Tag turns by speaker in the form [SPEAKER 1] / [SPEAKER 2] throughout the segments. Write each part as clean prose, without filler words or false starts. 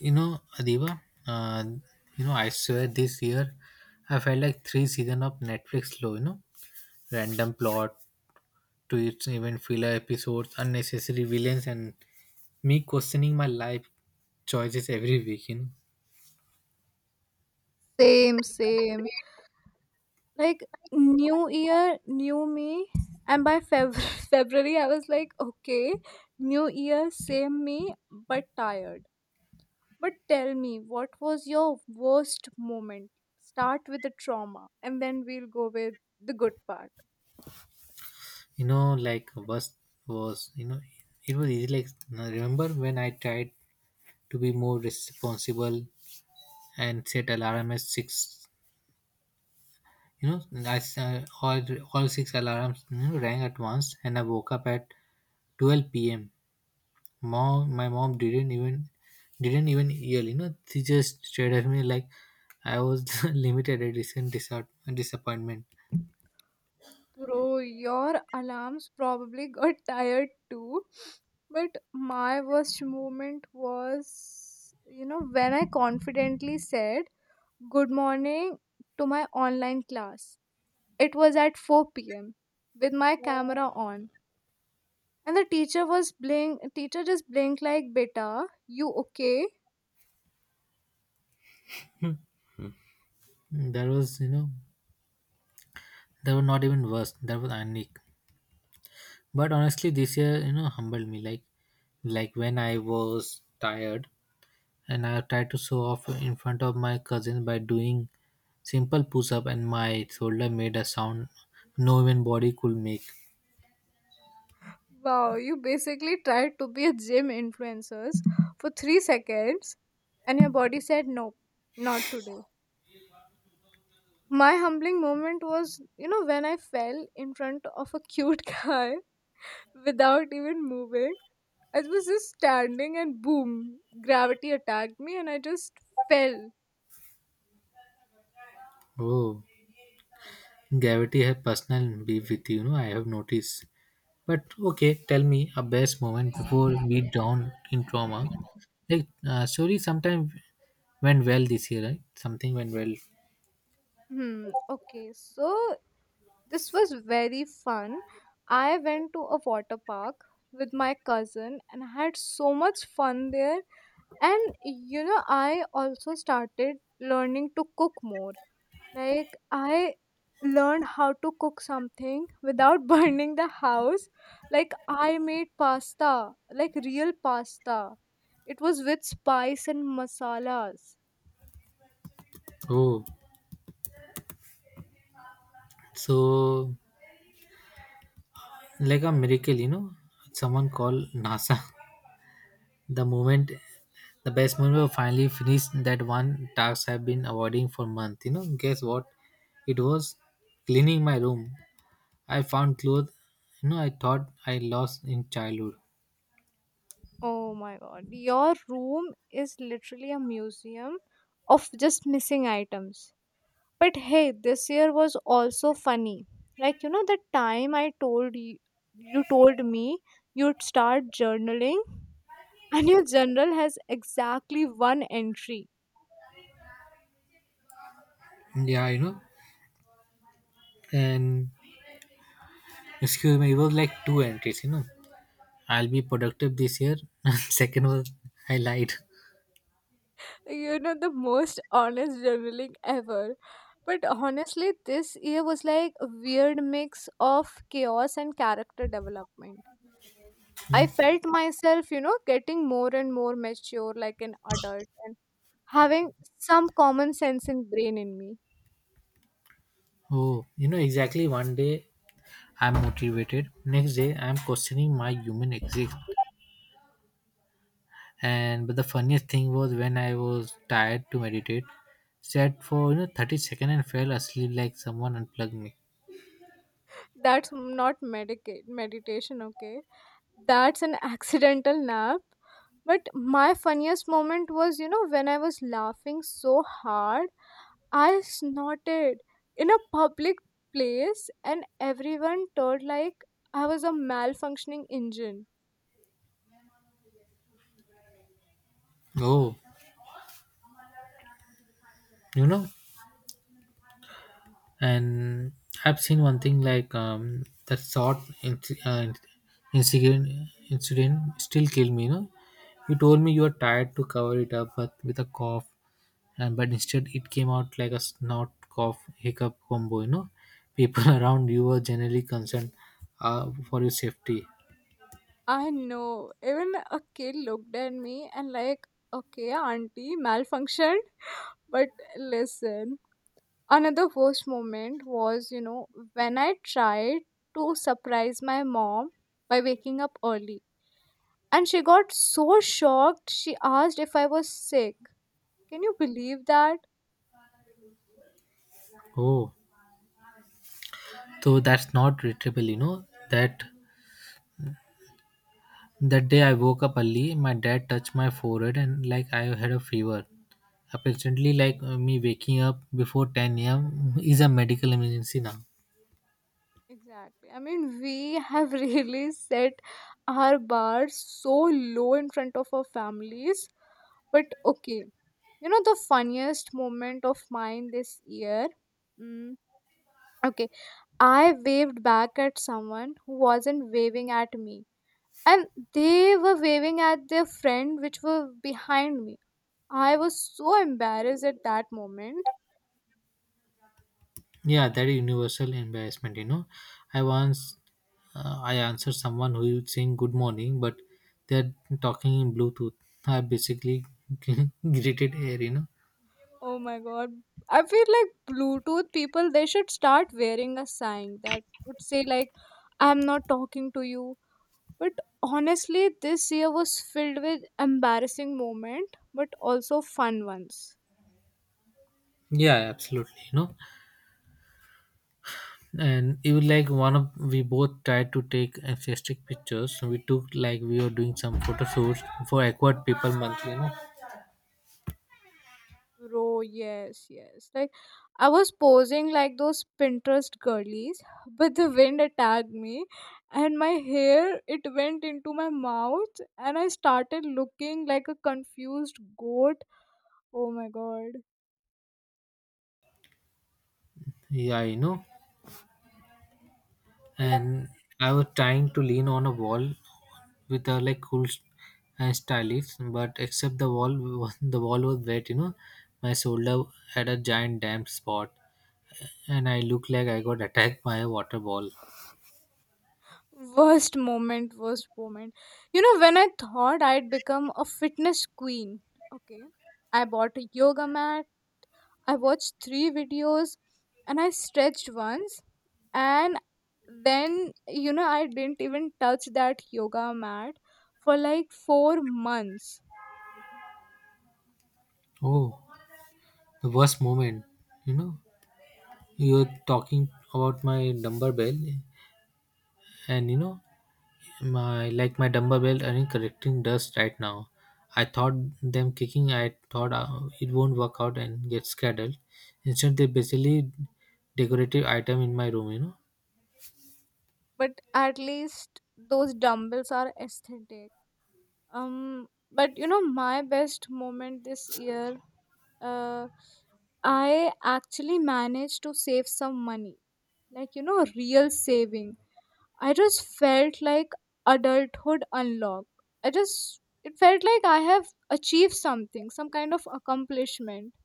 [SPEAKER 1] Adiba, uh, I swear this year I felt like three season of Netflix low, random plot twists, even filler episodes, unnecessary villains, and me questioning my life choices every week.
[SPEAKER 2] Same, same. Like new year, new me. And by Feb- February, I was like, okay, new year, same me, but tired. But tell me, what was your worst moment? Start with the trauma, and then we'll go with the good part.
[SPEAKER 1] Like worst was, it was easy. Like, no, remember when I tried to be more responsible and set alarm at 6, you know, I, s- uh, all, all six alarms rang at once, and I woke up at 12 p.m. mom my mom didn't even yell. She just stared at me like I was the limited edition disappointment.
[SPEAKER 2] Bro, your alarms probably got tired too. But my worst moment was, you know, when I confidently said, "Good morning" to my online class. It was at 4 p.m. with my camera on. And the teacher just blinked like, beta, you okay?
[SPEAKER 1] that was you know that was not even worse. That was ironic. But honestly this year humbled me. Like when I was tired and I tried to show off in front of my cousin by doing simple push-up, and my shoulder made a sound no human body could make.
[SPEAKER 2] Wow, you basically tried to be a gym influencers for 3 seconds and your body said no, not today. My humbling moment was, you know, when I fell in front of a cute guy without even moving. I was just standing and boom, gravity attacked me and I just fell.
[SPEAKER 1] Oh, gravity has personal beef with you. You know I have noticed. But okay, tell me a best moment before we down in trauma. Like story sometime went well this year, right? Something went well.
[SPEAKER 2] Hmm. Okay. So this was very fun. I went to a water park with my cousin and I had so much fun there. And you know, I also started learning to cook more. Like I learned how to cook something without burning the house. Like I made pasta, like real pasta. It was with spice and masalas.
[SPEAKER 1] Oh, so like a miracle. Someone called NASA. The moment, the best moment was finally finished that one task I've been avoiding for month. Guess what? It was cleaning my room. I found clothes. I thought I lost in childhood.
[SPEAKER 2] Oh my god. Your room is literally a museum of just missing items. But hey, this year was also funny. Like you know the time I told you you told me you'd start journaling and your journal has exactly one entry.
[SPEAKER 1] Yeah, and excuse me, it was like two entries. I'll be productive this year. Second was I lied.
[SPEAKER 2] You know, the most honest journaling ever. But honestly, this year was like a weird mix of chaos and character development. I felt myself, you know, getting more and more mature like an adult and having some common sense in brain in me.
[SPEAKER 1] Oh, exactly one day I'm motivated. Next day I'm questioning my human exist. And but the funniest thing was when I was tired to meditate, sat for 30 seconds and fell asleep like someone unplugged me.
[SPEAKER 2] That's not medicate meditation, okay? That's an accidental nap. But my funniest moment was, you know, when I was laughing so hard I snorted in a public place and everyone turned like I was a malfunctioning engine.
[SPEAKER 1] Oh, you know, and I've seen one thing like that short incident incident still killed me. You told me you were tired to cover it up but with a cough, and but instead it came out like a snot cough hiccup combo. People around you were generally concerned, for your safety.
[SPEAKER 2] I know. Even a kid looked at me and like, okay, auntie malfunctioned. But listen, another worst moment was, you know, when I tried to surprise my mom by waking up early. And she got so shocked, she asked if I was sick. Can you believe that?
[SPEAKER 1] Oh, so that's not retrievable. That That day I woke up early, my dad touched my forehead and like I had a fever. Apparently, like me waking up before 10 a.m. is a medical emergency now.
[SPEAKER 2] Exactly. I mean, we have really set our bars so low in front of our families. But okay, you know, the funniest moment of mine this year. Mm, okay, I waved back at someone who wasn't waving at me, and they were waving at their friend, which were behind me. I was so embarrassed at that moment.
[SPEAKER 1] Yeah, that is universal embarrassment. I once I answered someone who is saying good morning, but they're talking in Bluetooth. I basically greeted air.
[SPEAKER 2] Oh my god. I feel like Bluetooth people, they should start wearing a sign that would say like, I'm not talking to you. But honestly, this year was filled with embarrassing moment but also fun ones.
[SPEAKER 1] Yeah, absolutely. And even like one of we both tried to take enthusiastic pictures, so we took like we were doing some photo shoots for awkward people month.
[SPEAKER 2] Bro, yes, yes. Like I was posing like those Pinterest girlies, but the wind attacked me and my hair it went into my mouth and I started looking like a confused goat. Oh my god.
[SPEAKER 1] Yeah, and I was trying to lean on a wall with a like cool and stylish, but except the wall was- the wall was wet. My shoulder had a giant damp spot, and I looked like I got attacked by a water ball.
[SPEAKER 2] Worst moment, worst moment. You know, when I thought I'd become a fitness queen, okay, I bought a yoga mat, I watched three videos, and I stretched once, and then, you know, I didn't even touch that yoga mat for like 4 months.
[SPEAKER 1] Oh, the worst moment. you know you're talking about my number bell. And my dumbbell are in collecting dust right now. I thought them kicking i thought uh, it won't work out and get scattered. Instead they basically decorative item in my room.
[SPEAKER 2] But at least those dumbbells are aesthetic. But you know, my best moment this year. uh, I actually managed to save some money, like, you know, real saving. I just felt like adulthood unlocked. I just It felt like I have achieved something, some kind of accomplishment.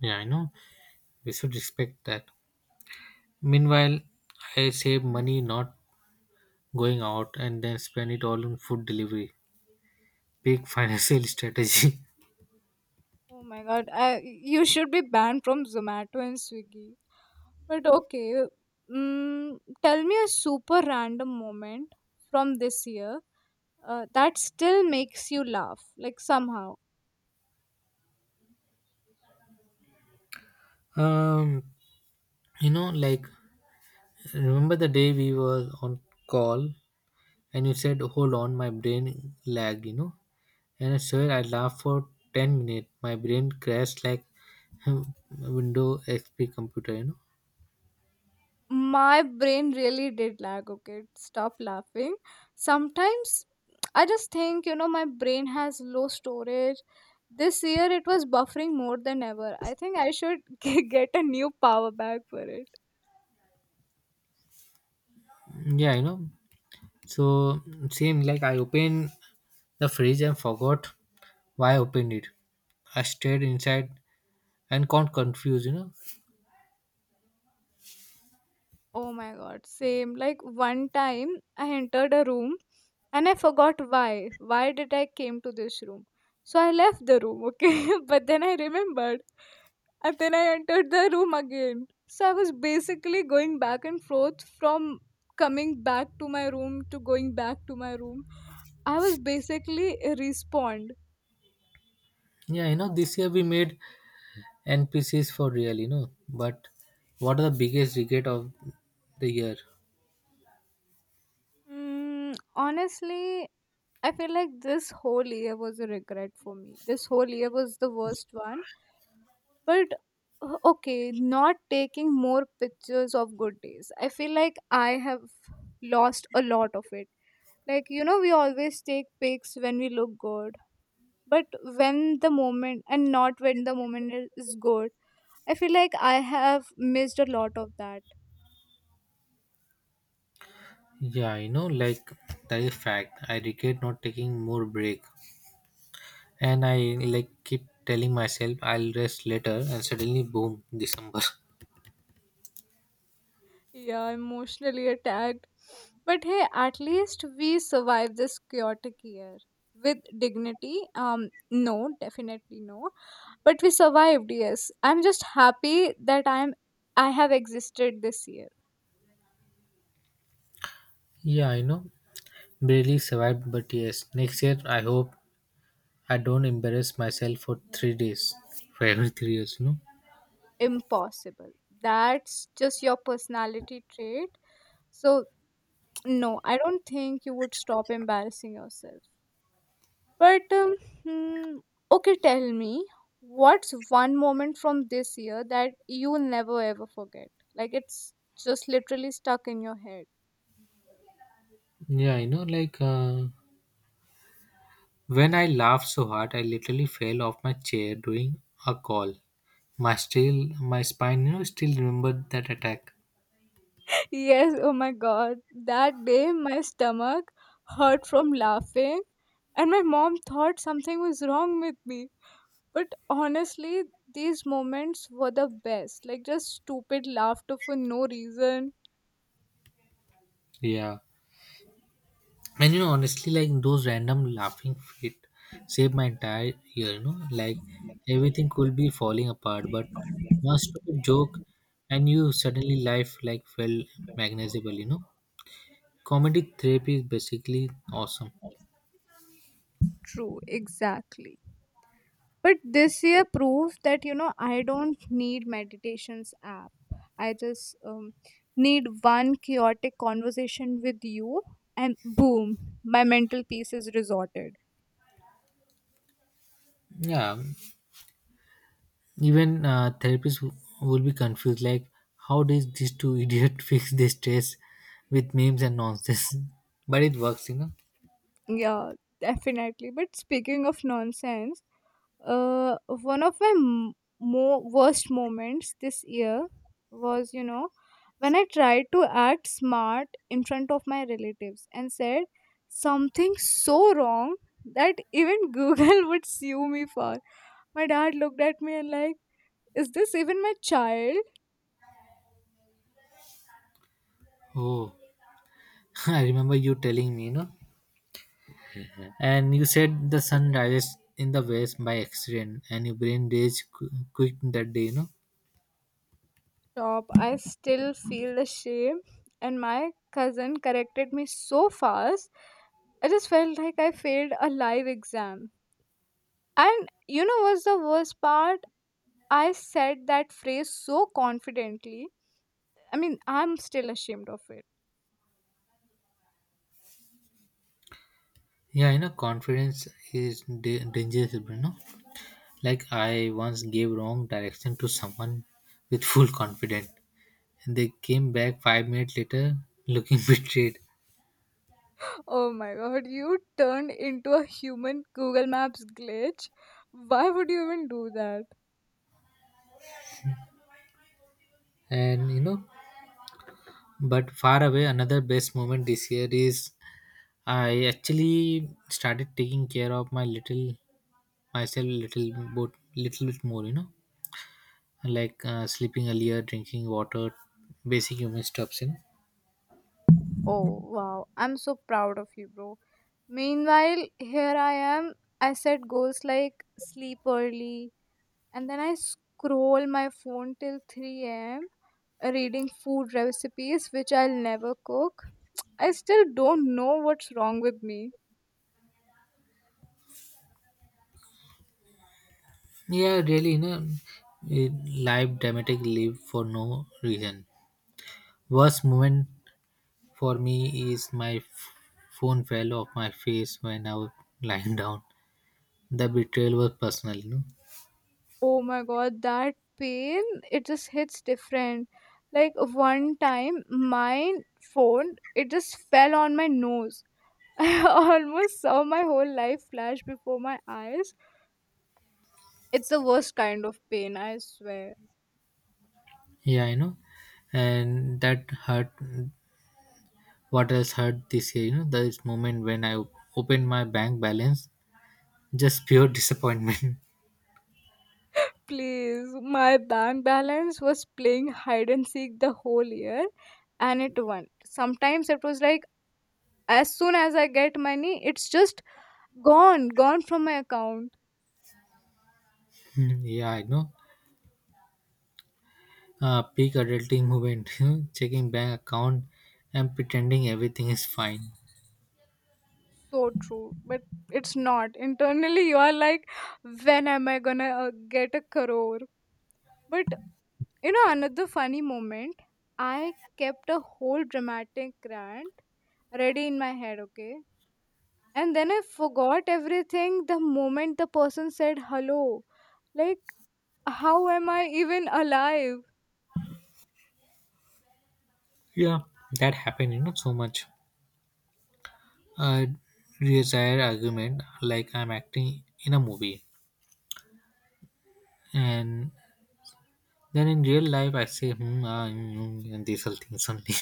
[SPEAKER 1] Yeah, I know, we should respect that. Meanwhile, I save money not going out and then spend it all on food delivery, big financial strategy.
[SPEAKER 2] Oh my god, you should be banned from Zomato and Swiggy. But okay, mm, tell me a super random moment from this year that still makes you laugh, like somehow.
[SPEAKER 1] um like remember the day we were on call, and you said hold on my brain lagged. And I swear I laughed for 10 minutes. My brain crashed like Windows XP computer.
[SPEAKER 2] My brain really did lag, okay? Stop laughing. Sometimes I just think, you know, my brain has low storage. This year it was buffering more than ever. I think I should get a new power bank for it.
[SPEAKER 1] Yeah, so same, like I opened the fridge and forgot why I opened it. I stayed inside and got confused.
[SPEAKER 2] Oh my god, same. Like one time I entered a room and I forgot why. Why did I came to this room? So I left the room, okay? But then I remembered and then I entered the room again. So I was basically going back and forth from coming back to my room to going back to my room. I was basically respond.
[SPEAKER 1] Yeah, this year we made NPCs for real. But what are the biggest regret of the year?
[SPEAKER 2] Honestly, I feel like this whole year was a regret for me. This whole year was the worst one. But okay, not taking more pictures of good days. I feel like I have lost a lot of it. Like, you know, we always take pics when we look good, but when the moment and not when the moment is good, I feel like I have missed a lot of that.
[SPEAKER 1] Yeah, like that is fact. I regret not taking more break, and I like keep telling myself I'll rest later, and suddenly, boom, December.
[SPEAKER 2] Yeah, emotionally attacked. But hey, at least we survived this chaotic year with dignity. No, definitely no. But we survived, yes. I'm just happy that I have existed this year.
[SPEAKER 1] Yeah, barely survived, but yes, next year I hope I don't embarrass myself for 3 days, for every three years.
[SPEAKER 2] Impossible. That's just your personality trait. So no, I don't think you would stop embarrassing yourself. But hmm, okay, tell me, what's one moment from this year that you'll never ever forget? Like it's just literally stuck in your head.
[SPEAKER 1] Yeah, like when I laughed so hard, I literally fell off my chair during a call. My spine, still remembered that attack.
[SPEAKER 2] Yes, oh my god. That day my stomach hurt from laughing and my mom thought something was wrong with me. But honestly, these moments were the best. Like just stupid laughter for no reason.
[SPEAKER 1] Yeah. And honestly, like those random laughing fit saved my entire year, like everything could be falling apart, but one stupid joke and you suddenly life like felt magnetizable. Comedy therapy is basically awesome.
[SPEAKER 2] True, exactly. But this year proves that, you know, I don't need meditations app. I just need one chaotic conversation with you and boom, my mental peace is resorted.
[SPEAKER 1] Yeah, even therapists will be confused like, how did these two idiots fix their stress with memes and nonsense? But it works.
[SPEAKER 2] Yeah, definitely. But speaking of nonsense, one of my worst moments this year was, you know, when I tried to act smart in front of my relatives and said something so wrong that even Google would sue me for. My dad looked at me and like, is this even my child?
[SPEAKER 1] Oh, I remember you telling me, and you said the sun rises in the west by accident, and your brain days quick that day.
[SPEAKER 2] Stop. I still feel the shame. And my cousin corrected me so fast. I just felt like I failed a live exam. And you know what's the worst part? I said that phrase so confidently. I mean, I'm still ashamed of it.
[SPEAKER 1] Yeah, confidence is dangerous. Like I once gave wrong direction to someone with full confidence, and they came back 5 minutes later looking betrayed.
[SPEAKER 2] Oh my god, you turned into a human Google Maps glitch. Why would you even do that?
[SPEAKER 1] And but far away, another best moment this year is I actually started taking care of my little myself little, but little bit more. Like sleeping earlier, drinking water, basic human stuffs. You know?
[SPEAKER 2] Oh wow, I'm so proud of you, bro. Meanwhile, here I am. I set goals like sleep early, and then I scroll my phone till 3 a.m., reading food recipes which I'll never cook. I still don't know what's wrong with me.
[SPEAKER 1] Yeah, really, life dramatic live for no reason. Worst moment for me is my phone fell off my face when I was lying down. The betrayal was personal.
[SPEAKER 2] Oh my god, that pain, it just hits different. Like one time my phone it just fell on my nose. I almost saw my whole life flash before my eyes. It's the worst kind of pain, I swear.
[SPEAKER 1] Yeah, and that hurt. What else hurt this year? This moment when I opened my bank balance, just pure disappointment.
[SPEAKER 2] Please, my bank balance was playing hide and seek the whole year, and it won. Sometimes it was like as soon as I get money, it's just gone, gone from my account.
[SPEAKER 1] Yeah, I know. Peak adulting moment, checking bank account and pretending everything is fine.
[SPEAKER 2] So true. But it's not, internally you are like, when am I gonna get a crore. But you know, another funny moment, I kept a whole dramatic rant ready in my head, okay, and then I forgot everything the moment the person said hello. Like, how am I even alive?
[SPEAKER 1] Yeah, that happened, so much. A desire argument like I'm acting in a movie. And then in real life, I say, hmm, ah, mm, mm, and these are things only.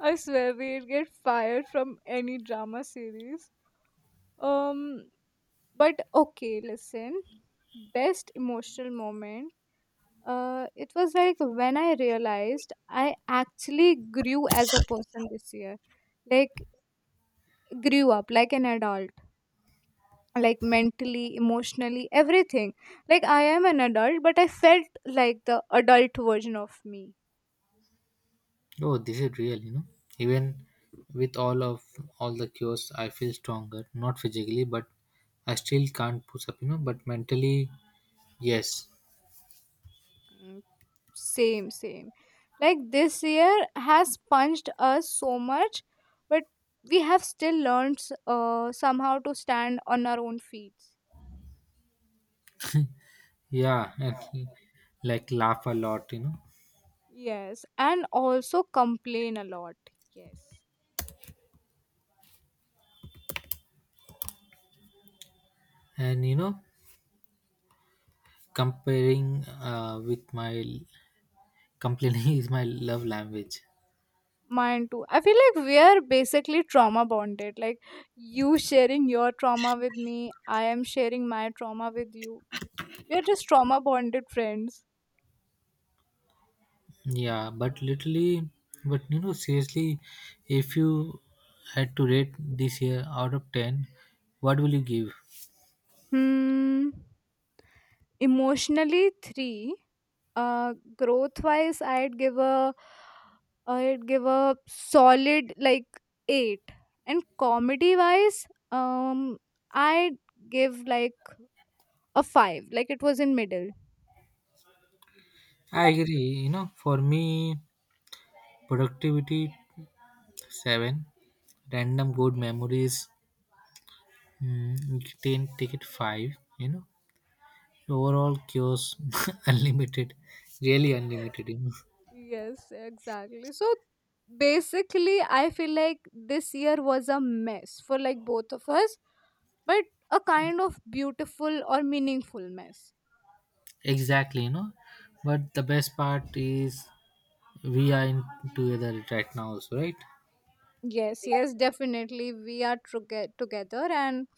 [SPEAKER 2] I swear we'd get fired from any drama series. um but okay, listen, best emotional moment. It was like when I realized I actually grew as a person this year, like grew up like an adult, like mentally, emotionally, everything. Like I am an adult, but I felt like the adult version of me.
[SPEAKER 1] Oh, this is real. Even with all the cures, I feel stronger, not physically, but I still can't push up, but mentally, yes.
[SPEAKER 2] Mm, same, same. Like this year has punched us so much, but we have still learned somehow to stand on our own feet.
[SPEAKER 1] Yeah, and he, like laugh a lot.
[SPEAKER 2] Yes, and also complain a lot. Yes.
[SPEAKER 1] And comparing with my complaining is my love language.
[SPEAKER 2] Mine too. I feel like we are basically trauma bonded. Like you sharing your trauma with me, I am sharing my trauma with you. We are just trauma bonded friends.
[SPEAKER 1] Yeah, but literally, seriously, if you had to rate this year out of 10, what will you give?
[SPEAKER 2] Hmm. Emotionally, three. Growth wise, I'd give a solid like eight. And comedy wise, I'd give like a five. Like it was in middle.
[SPEAKER 1] I agree, for me, productivity 7, random good memories, you can take it 5, you know, overall cures unlimited really unlimited.
[SPEAKER 2] Yes, exactly. So basically, I feel like this year was a mess for like both of us, but a kind of beautiful or meaningful mess.
[SPEAKER 1] Exactly. But the best part is we are in together right now, also right?
[SPEAKER 2] Yes, yes, definitely. We are together, and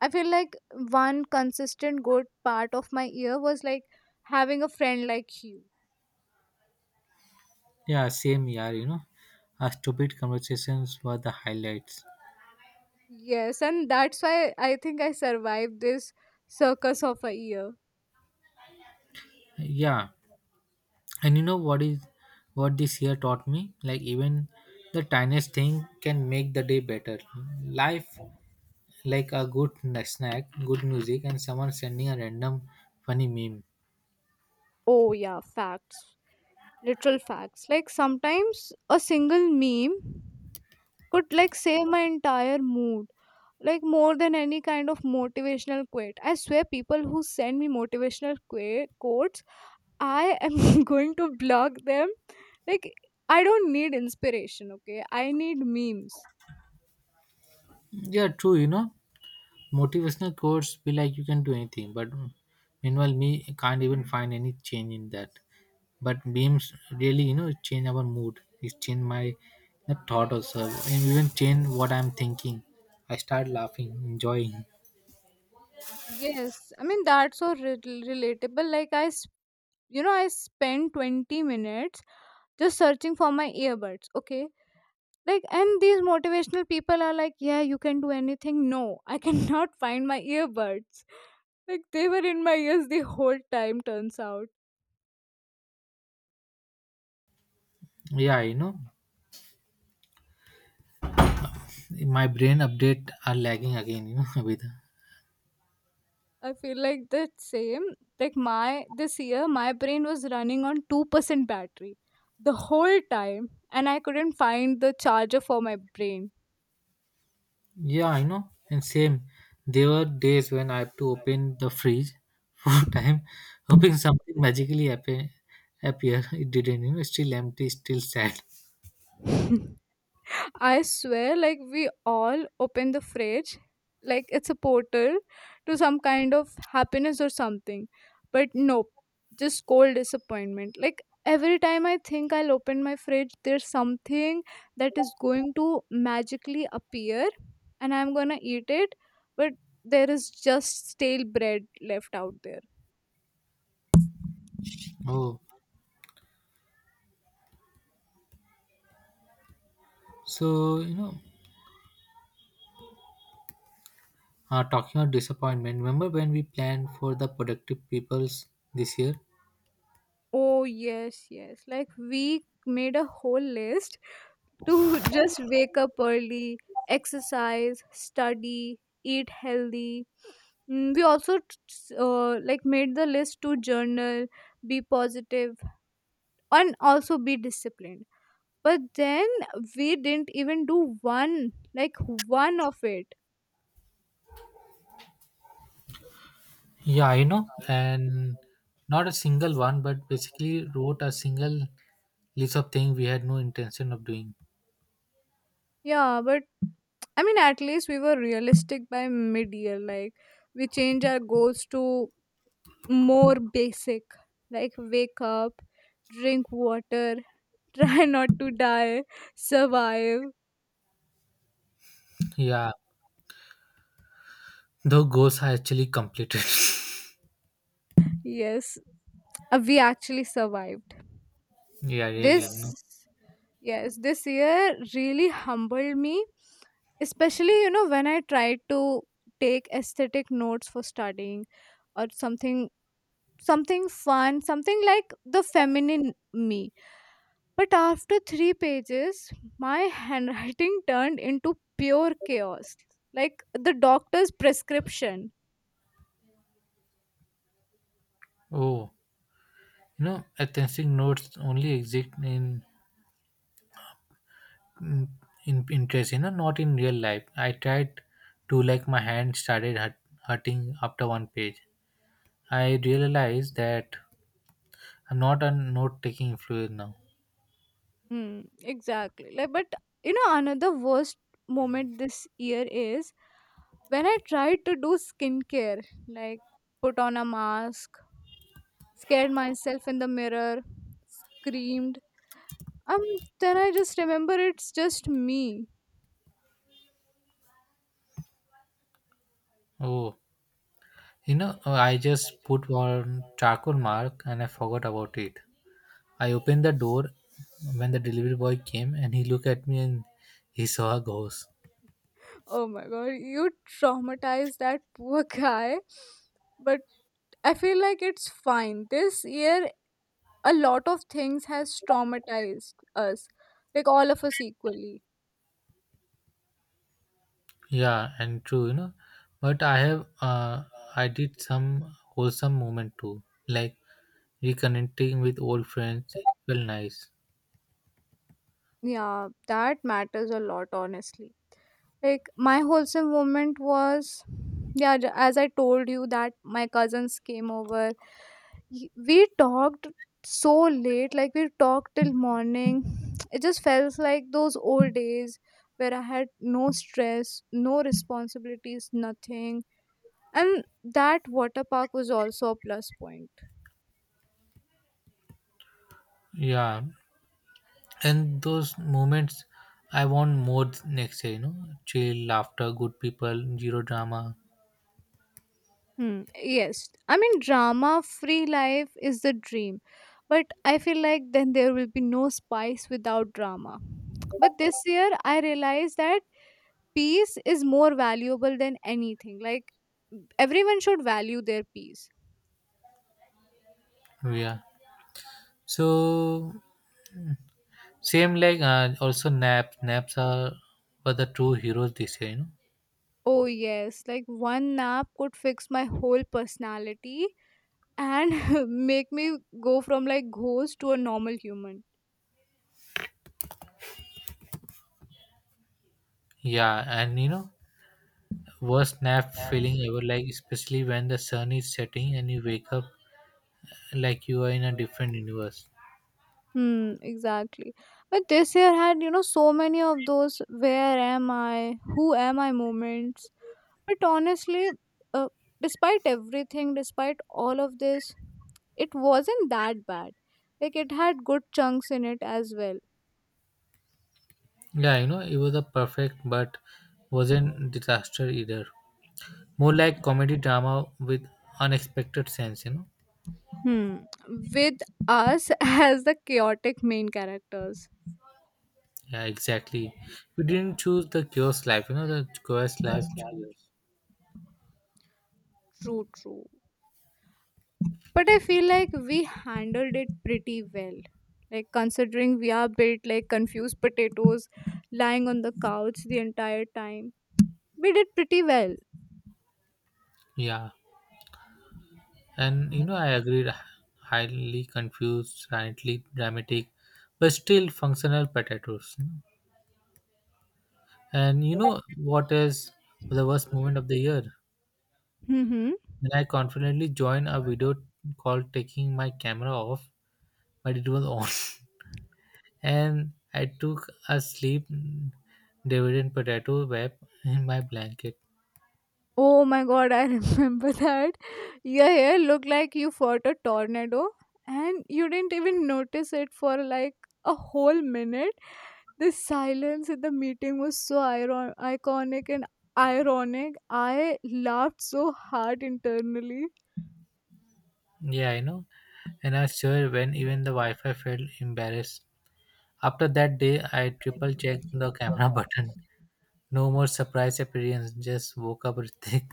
[SPEAKER 2] I feel like one consistent good part of my year was like having a friend like you.
[SPEAKER 1] Yeah, same year. Our stupid conversations were the highlights.
[SPEAKER 2] Yes, and that's why I think I survived this circus of a year.
[SPEAKER 1] Yeah. And what this year taught me, like even the tiniest thing can make the day better. Life like a good snack, good music, and someone sending a random funny meme.
[SPEAKER 2] Oh, yeah, facts. Literal facts. Like sometimes a single meme could like save my entire mood, like more than any kind of motivational quote. I swear, people who send me motivational quotes, I am going to block them. Like, I don't need inspiration, okay? I need memes.
[SPEAKER 1] Yeah, true. Motivational quotes be like you can do anything, but meanwhile me can't even find any change in that. But memes really, change our mood. It change my the thought also, and even change what I'm thinking. I start laughing enjoying.
[SPEAKER 2] Yes, I mean, that's so relatable. Like I spend 20 minutes just searching for my earbuds, okay? Like, and these motivational people are like, yeah, you can do anything. No, I cannot find my earbuds. Like, they were in my ears the whole time, turns out.
[SPEAKER 1] Yeah, my brain update are lagging again. With.
[SPEAKER 2] I feel like the same. Like, my this year my brain was running on 2% battery the whole time, and I couldn't find the charger for my
[SPEAKER 1] Yeah, I know, and same, there were days when I have to open the fridge for time, hoping something magically happen appear. It didn't, still empty, still sad.
[SPEAKER 2] brain. I swear, like we all open the fridge like it's a portal to some kind of happiness or something. But nope, just cold disappointment. Like every time I think I'll open my fridge, there's something that is going to magically appear and I'm gonna eat it, but there is just stale bread left out there.
[SPEAKER 1] Oh, so talking about disappointment. Remember when we planned for the productive peoples this year?
[SPEAKER 2] Oh, yes, yes. Like we made a whole list to just wake up early, exercise, study, eat healthy. Mm, we also like made the list to journal, be positive, and also be disciplined. But then we didn't even do one, like one of it.
[SPEAKER 1] Yeah, and not a single one, but basically wrote a single list of things we had no intention of doing.
[SPEAKER 2] Yeah, but I mean, at least we were realistic by mid year. Like, we changed our goals to more basic, like wake up, drink water, try not to die, survive.
[SPEAKER 1] Yeah, the goals are actually completed.
[SPEAKER 2] Yes, we actually survived.
[SPEAKER 1] Yeah,
[SPEAKER 2] This,
[SPEAKER 1] really.
[SPEAKER 2] yes, this year really humbled me, especially, you know, when I tried to take aesthetic notes for studying or something, something fun, something like the feminine me, but after 3 pages my handwriting turned into pure chaos, like the doctor's prescription.
[SPEAKER 1] Oh, authentic notes only exist in in interest. Not in real life. I tried to like my hand started hurting after one page. I realized that I'm not a note taking fluid now.
[SPEAKER 2] Hmm, exactly. Like, but you know, another worst moment this year is when I tried to do skincare, like put on a mask, scared myself in the mirror, screamed. Um, then I just remember it's just me.
[SPEAKER 1] Oh, oh, I just put one charcoal mark and I forgot about it. I opened the door when the delivery boy came and he looked at me and he saw a ghost.
[SPEAKER 2] Oh my god, you traumatized that poor guy. But I feel like it's fine. This year a lot of things has traumatized us, like all of us equally.
[SPEAKER 1] Yeah, and true. But I did some wholesome moment too, like reconnecting with old friends. It felt nice.
[SPEAKER 2] Yeah, that matters a lot, honestly. Like, my wholesome moment was, yeah, as I told you, that my cousins came over. We talked so late, like, we talked till morning. It just felt like those old days where I had no stress, no responsibilities, nothing. And that water park was also a plus point.
[SPEAKER 1] Yeah, and those moments I want more next year. Chill laughter, good people, zero drama.
[SPEAKER 2] Hmm. Yes. I mean, drama free life is the dream. But I feel like then there will be no spice without drama. But this year, I realized that peace is more valuable than anything. Like, everyone should value their peace.
[SPEAKER 1] Yeah, so same, like also naps naps are were the true heroes this year.
[SPEAKER 2] Oh, yes. Like, one nap could fix my whole personality and make me go from like ghost to a normal human.
[SPEAKER 1] Yeah, and worst nap feeling ever, like especially when the sun is setting and you wake up like you are in a different universe.
[SPEAKER 2] Hmm, exactly. But this year had, you know, so many of those where am I, who am I moments. But honestly, uh, despite everything, despite all of this, it wasn't that bad. Like it had good chunks in it as well.
[SPEAKER 1] Yeah, it was a perfect, but wasn't disaster either, more like comedy drama with unexpected sense.
[SPEAKER 2] Hmm. With us as the chaotic main characters.
[SPEAKER 1] Yeah, exactly. We didn't choose the chaos life, the chaos life chooses.
[SPEAKER 2] True, true. But I feel like we handled it pretty well, like considering we are built like confused potatoes lying on the couch the entire time, we did pretty well.
[SPEAKER 1] Yeah. And I agreed highly confused, slightly dramatic, but still functional potatoes. And you know what is the worst moment of the year?
[SPEAKER 2] Mm-hmm.
[SPEAKER 1] When I confidently joined a video called taking my camera off, but it was on. And I took a sleep dividend potato wrap in my blanket.
[SPEAKER 2] Oh my god, I remember that. Your hair looked like you fought a tornado, and you didn't even notice it for like a whole minute. The silence in the meeting was so iconic and ironic. I laughed so hard internally.
[SPEAKER 1] Yeah, I know. And I swear when even the Wi-Fi felt embarrassed. After that day, I triple checked the camera button. No more surprise appearance. Just woke up Ritik.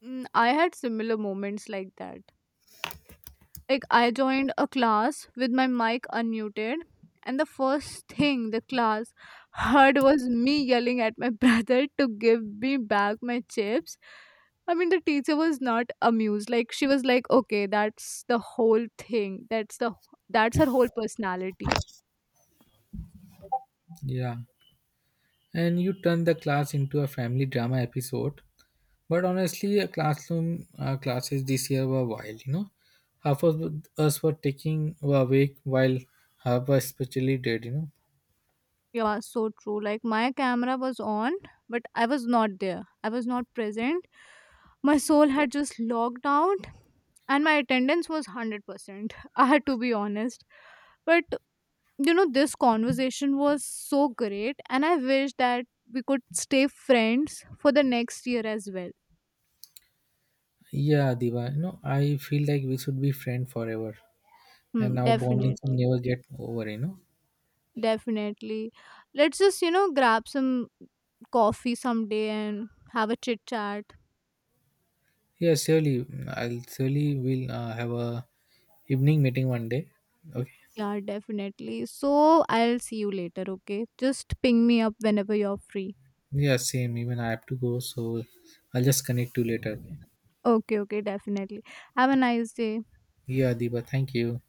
[SPEAKER 2] Mm, I had similar moments like that. Like I joined a class with my mic unmuted, and the first thing the class heard was me yelling at my brother to give me back my chips. I mean, the teacher was not amused. Like she was like, "Okay, that's the whole thing. That's the that's her whole personality."
[SPEAKER 1] Yeah. And you turn the class into a family drama episode. But honestly, classroom classes this year were wild, Half of us were awake while half were especially dead.
[SPEAKER 2] Yeah, so true. Like my camera was on, but I was not there. I was not present. My soul had just logged out, and my attendance was 100%. I had to be honest. But you know, this conversation was so great, and I wish that we could stay friends for the next year as well.
[SPEAKER 1] Yeah, Diva, I feel like we should be friends forever. And
[SPEAKER 2] Hmm,
[SPEAKER 1] our bonding should
[SPEAKER 2] definitely.
[SPEAKER 1] never get over.
[SPEAKER 2] Definitely. Let's just, you know, grab some coffee someday and have a chit chat.
[SPEAKER 1] Yeah, surely. I'll surely will have a evening meeting one day. Okay.
[SPEAKER 2] Yeah, definitely. So I'll see you later, okay? Just ping me up whenever you're free.
[SPEAKER 1] Yeah, same. Even I have to go, so I'll just connect you later. Okay?
[SPEAKER 2] Okay, okay, definitely. Have a nice day.
[SPEAKER 1] Yeah, Diba. Thank you.